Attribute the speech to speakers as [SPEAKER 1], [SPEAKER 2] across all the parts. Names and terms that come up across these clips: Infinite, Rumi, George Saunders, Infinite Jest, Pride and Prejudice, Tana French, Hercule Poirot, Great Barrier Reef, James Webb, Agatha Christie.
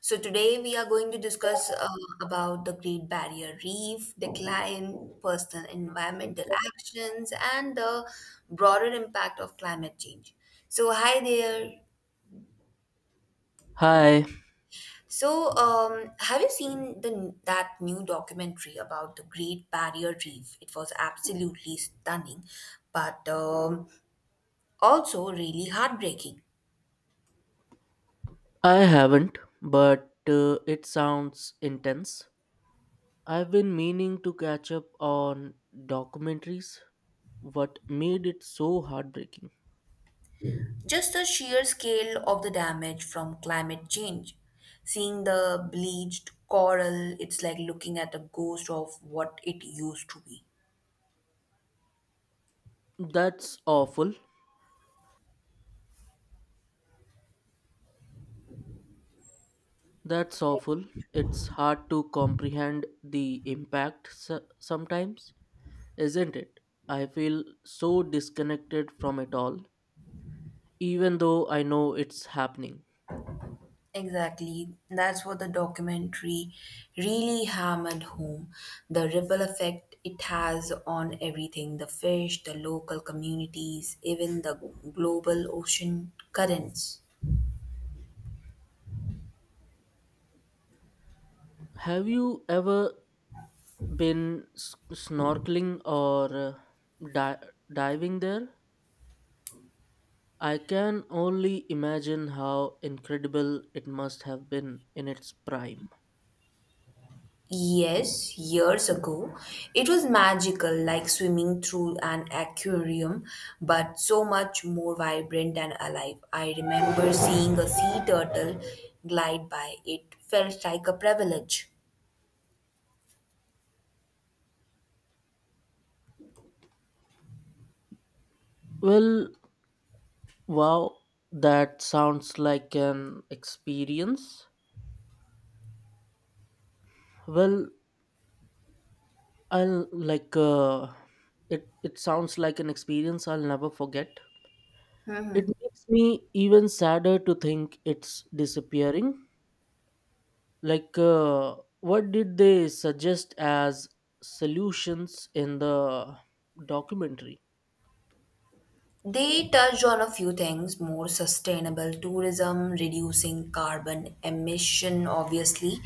[SPEAKER 1] So today we are going to discuss about the Great Barrier Reef, decline, personal environmental actions, and the broader impact of climate change. So hi there.
[SPEAKER 2] Hi,
[SPEAKER 1] So, have you seen the that new documentary about the Great Barrier Reef? It was absolutely stunning, but also really heartbreaking.
[SPEAKER 2] I haven't, but it sounds intense. I've been meaning to catch up on documentaries. What made it so heartbreaking?
[SPEAKER 1] Just the sheer scale of the damage from climate change. Seeing the bleached coral, it's like looking at the ghost of what it used to be.
[SPEAKER 2] That's awful. That's awful. It's hard to comprehend the impact sometimes, isn't it? I feel so disconnected from it all, even though I know it's happening.
[SPEAKER 1] Exactly. That's what the documentary really hammered home. The ripple effect it has on everything, the fish, the local communities, even the global ocean currents.
[SPEAKER 2] Have you ever been snorkeling or di- diving there? I can only imagine how incredible it must have been in its prime.
[SPEAKER 1] Yes, years ago. It was magical, like swimming through an aquarium, but so much more vibrant and alive. I remember seeing a sea turtle glide by. It felt like a privilege.
[SPEAKER 2] Well, wow, that sounds like an experience. Well, I'll like it sounds like an experience I'll never forget. It makes me even sadder to think it's disappearing. What did they suggest as solutions in the documentary?
[SPEAKER 1] They touched on a few things: more sustainable tourism, reducing carbon emission, obviously,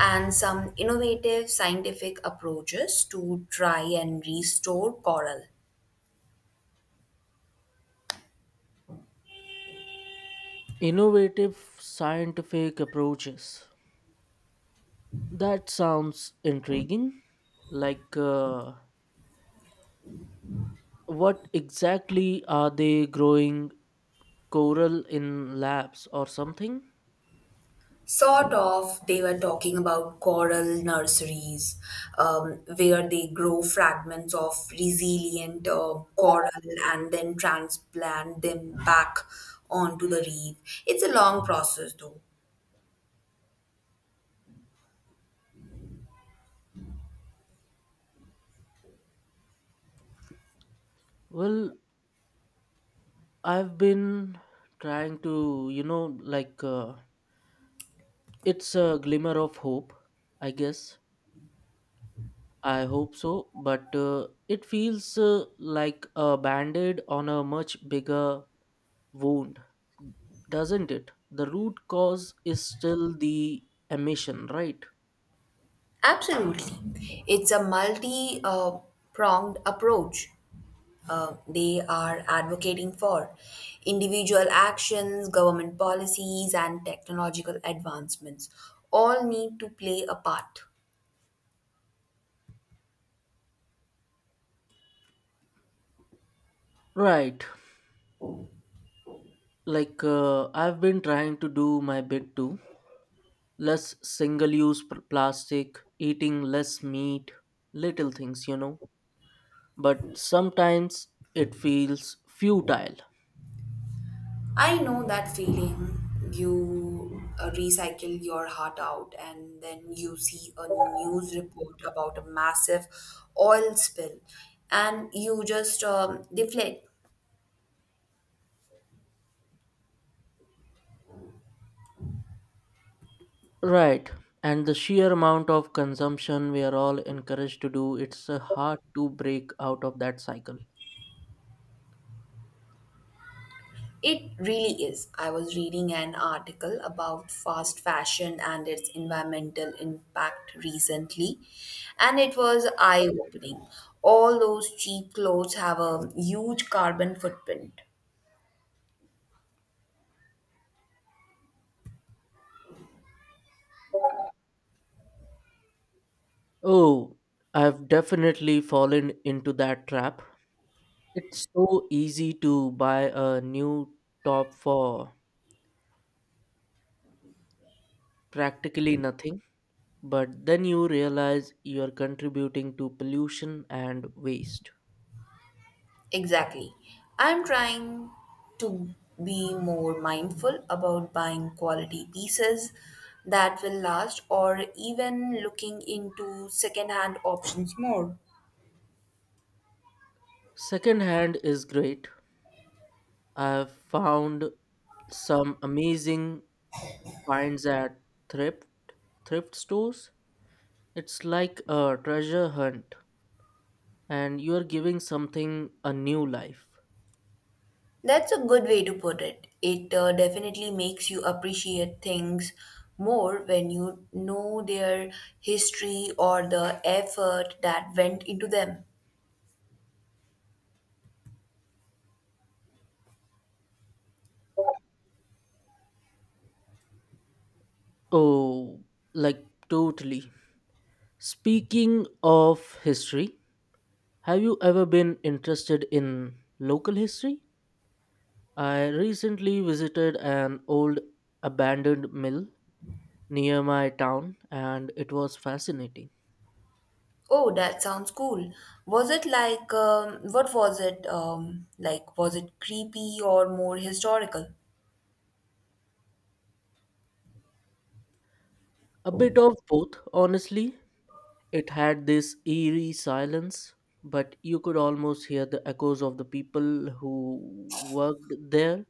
[SPEAKER 1] and some innovative scientific approaches to try and restore coral.
[SPEAKER 2] Innovative scientific approaches, that sounds intriguing. like uh, what exactly are they growing, coral in labs or something?
[SPEAKER 1] Sort of, they were talking about coral nurseries where they grow fragments of resilient coral and then transplant them back onto the reef. It's a long process, though.
[SPEAKER 2] Well, I've been trying to you know like it's a glimmer of hope, I guess. I hope so, but it feels like a band aid on a much bigger wound, doesn't it? The root cause is still the emission, right?
[SPEAKER 1] Absolutely. It's a multi pronged approach, they are advocating for individual actions, government policies, and technological advancements all need to play a part.
[SPEAKER 2] Right. I've been trying to do my bit too. Less single use plastic, eating less meat, little things, you know. But sometimes it feels futile.
[SPEAKER 1] I know that feeling. You recycle your heart out, and then you see a news report about a massive oil spill, and you just deflect.
[SPEAKER 2] Right. And the sheer amount of consumption we are all encouraged to do, it's hard to break out of that cycle.
[SPEAKER 1] It really is. I was reading an article about fast fashion and its environmental impact recently, and it was eye opening. All those cheap clothes have a huge carbon footprint.
[SPEAKER 2] Oh, I've definitely fallen into that trap. It's so easy to buy a new top for practically nothing, but then you realize you're contributing to pollution and waste.
[SPEAKER 1] Exactly. I'm trying to be more mindful about buying quality pieces that will last, or even looking into secondhand options more.
[SPEAKER 2] Secondhand is great. I've found some amazing finds at thrift thrift stores. It's like a treasure hunt, and you're giving something a new life.
[SPEAKER 1] That's a good way to put it. It definitely makes you appreciate things more when you know their history or the effort that went into them.
[SPEAKER 2] Oh, like, totally. Speaking of history, have you ever been interested in local history? I recently visited an old abandoned mill near my town, and it was fascinating.
[SPEAKER 1] Oh, that sounds cool. Was it like, what was it like? Was it creepy or more historical?
[SPEAKER 2] A bit of both, honestly. It had this eerie silence, but you could almost hear the echoes of the people who worked there.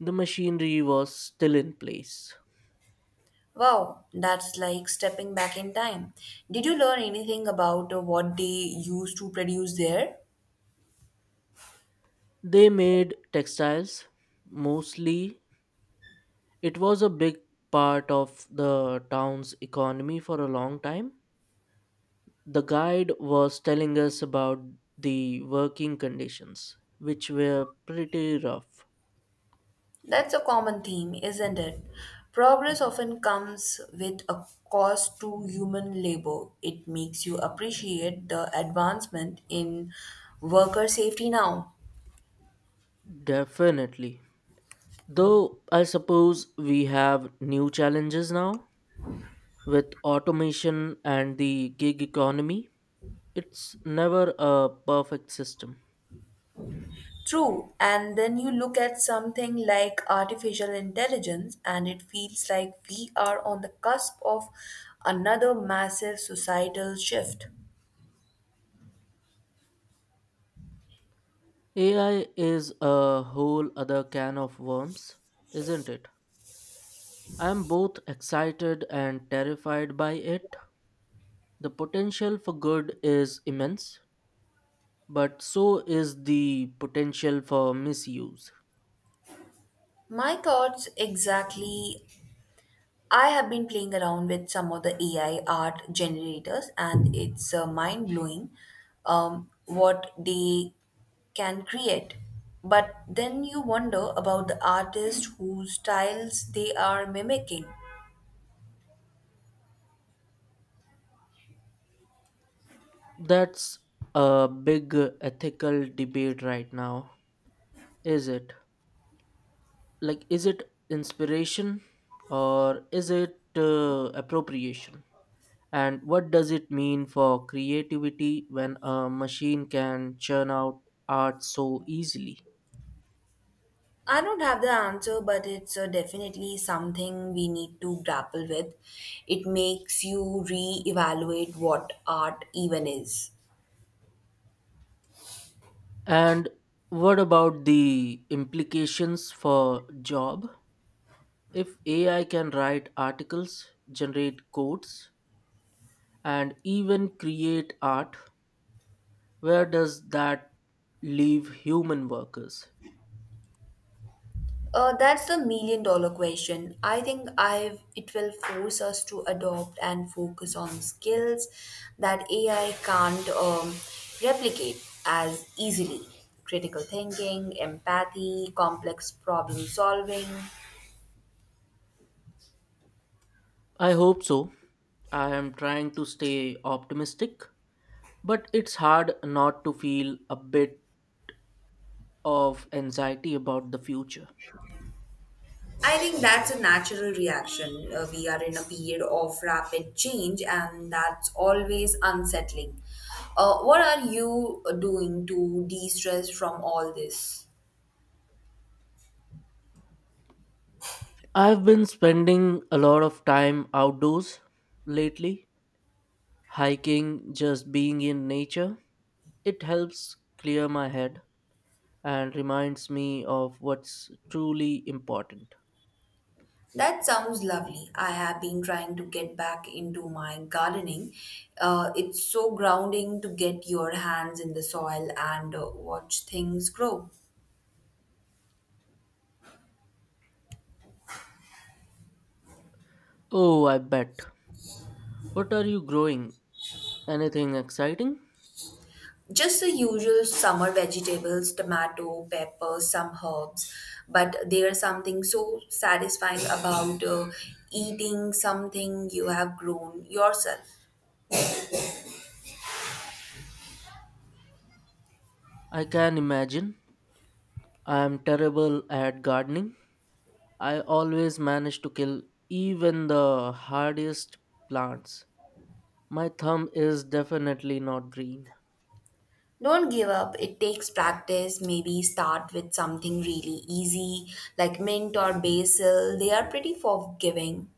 [SPEAKER 2] The machinery was still in place.
[SPEAKER 1] Wow, that's like stepping back in time. Did you learn anything about what they used to produce there?
[SPEAKER 2] They made textiles mostly. It was a big part of the town's economy for a long time. The guide was telling us about the working conditions, which were pretty rough.
[SPEAKER 1] That's a common theme, isn't it? Progress often comes with a cost to human labor. It makes you appreciate the advancement in worker safety now.
[SPEAKER 2] Definitely. Though I suppose we have new challenges now. With automation and the gig economy, it's never a perfect system.
[SPEAKER 1] True, and then you look at something like artificial intelligence, and it feels like we are on the cusp of another massive societal shift.
[SPEAKER 2] AI is a whole other can of worms, isn't it? I'm both excited and terrified by it. The potential for good is immense, but so is the potential for misuse.
[SPEAKER 1] My thoughts exactly. I have been playing around with some of the AI art generators, and it's mind blowing, what they can create. But then you wonder about the artist whose styles they are mimicking.
[SPEAKER 2] That's a big ethical debate right now, is it? Like, is it inspiration, or is it appropriation? And what does it mean for creativity when a machine can churn out art so easily?
[SPEAKER 1] I don't have the answer, but it's definitely something we need to grapple with. It makes you re evaluate what art even is.
[SPEAKER 2] And what about the implications for job, if AI can write articles, generate codes, and even create art, where does that leave human workers?
[SPEAKER 1] That's the million-dollar question. I think it will force us to adopt and focus on skills that AI can't replicate as easily: critical thinking, empathy, complex problem solving.
[SPEAKER 2] I hope so. I am trying to stay optimistic. But it's hard not to feel a bit of anxiety about the future.
[SPEAKER 1] I think that's a natural reaction. We are in a period of rapid change, and that's always unsettling. What are you doing to de stress from all this?
[SPEAKER 2] I've been spending a lot of time outdoors lately, hiking, just being in nature. It helps clear my head and reminds me of what's truly important.
[SPEAKER 1] That sounds lovely. I have been trying to get back into my gardening. It's so grounding to get your hands in the soil and watch things grow.
[SPEAKER 2] Oh, I bet. What are you growing? Anything exciting?
[SPEAKER 1] Just the usual summer vegetables, tomato, pepper, some herbs, but there's something so satisfying about eating something you have grown yourself.
[SPEAKER 2] I can imagine. I am terrible at gardening, I always manage to kill even the hardest plants. My thumb is definitely not green.
[SPEAKER 1] Don't give up. It takes practice. Maybe start with something really easy, like mint or basil. They are pretty forgiving.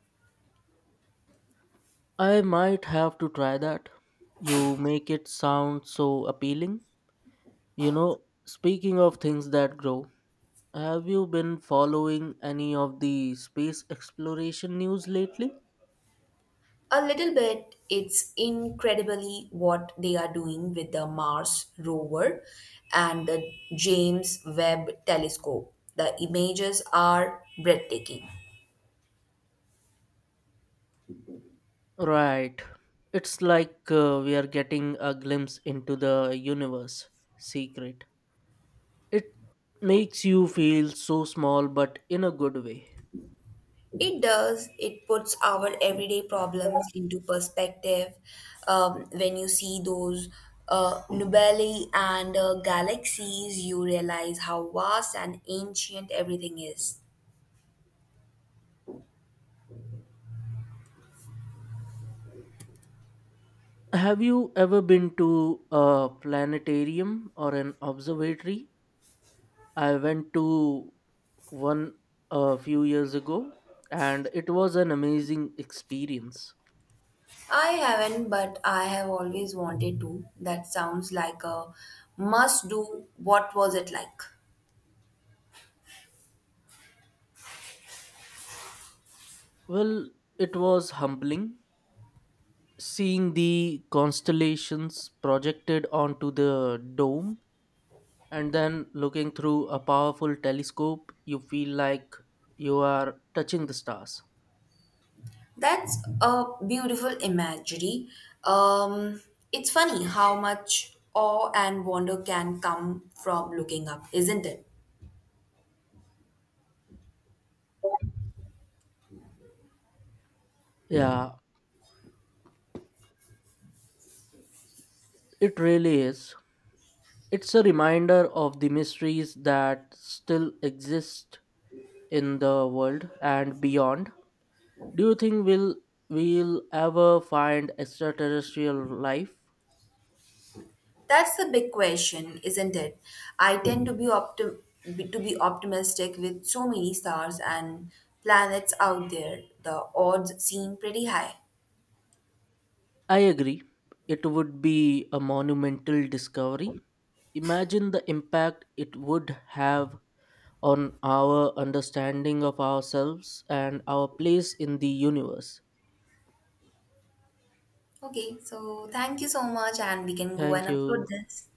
[SPEAKER 2] I might have to try that. You make it sound so appealing. You know, speaking of things that grow, have you been following any of the space exploration news lately?
[SPEAKER 1] A little bit. It's incredibly what they are doing with the Mars rover and the James Webb telescope. The images are breathtaking.
[SPEAKER 2] Right. It's like we are getting a glimpse into the universe secret. It makes you feel so small, but in a good way.
[SPEAKER 1] It does. It puts our everyday problems into perspective. When you see those nebulae and galaxies, you realize how vast and ancient everything is.
[SPEAKER 2] Have you ever been to a planetarium or an observatory? I went to one a few years ago, and it was an amazing experience.
[SPEAKER 1] I haven't, but I have always wanted to. That sounds like a must do. What was it like?
[SPEAKER 2] Well, it was humbling, seeing the constellations projected onto the dome, and then looking through a powerful telescope, you feel like you are touching the stars.
[SPEAKER 1] That's a beautiful imagery. Um, it's funny how much awe and wonder can come from looking up, isn't it?
[SPEAKER 2] Yeah, it really is. It's a reminder of the mysteries that still exist in the world and beyond. Do you think we'll ever find extraterrestrial life?
[SPEAKER 1] That's the big question, isn't it? I tend to to be optimistic, with so many stars and planets out there. The odds seem pretty high.
[SPEAKER 2] I agree. It would be a monumental discovery. Imagine the impact it would have on our understanding of ourselves and our place in the universe.
[SPEAKER 1] Okay, so thank you so much, and we can go and
[SPEAKER 2] Thank
[SPEAKER 1] upload
[SPEAKER 2] you.
[SPEAKER 1] this.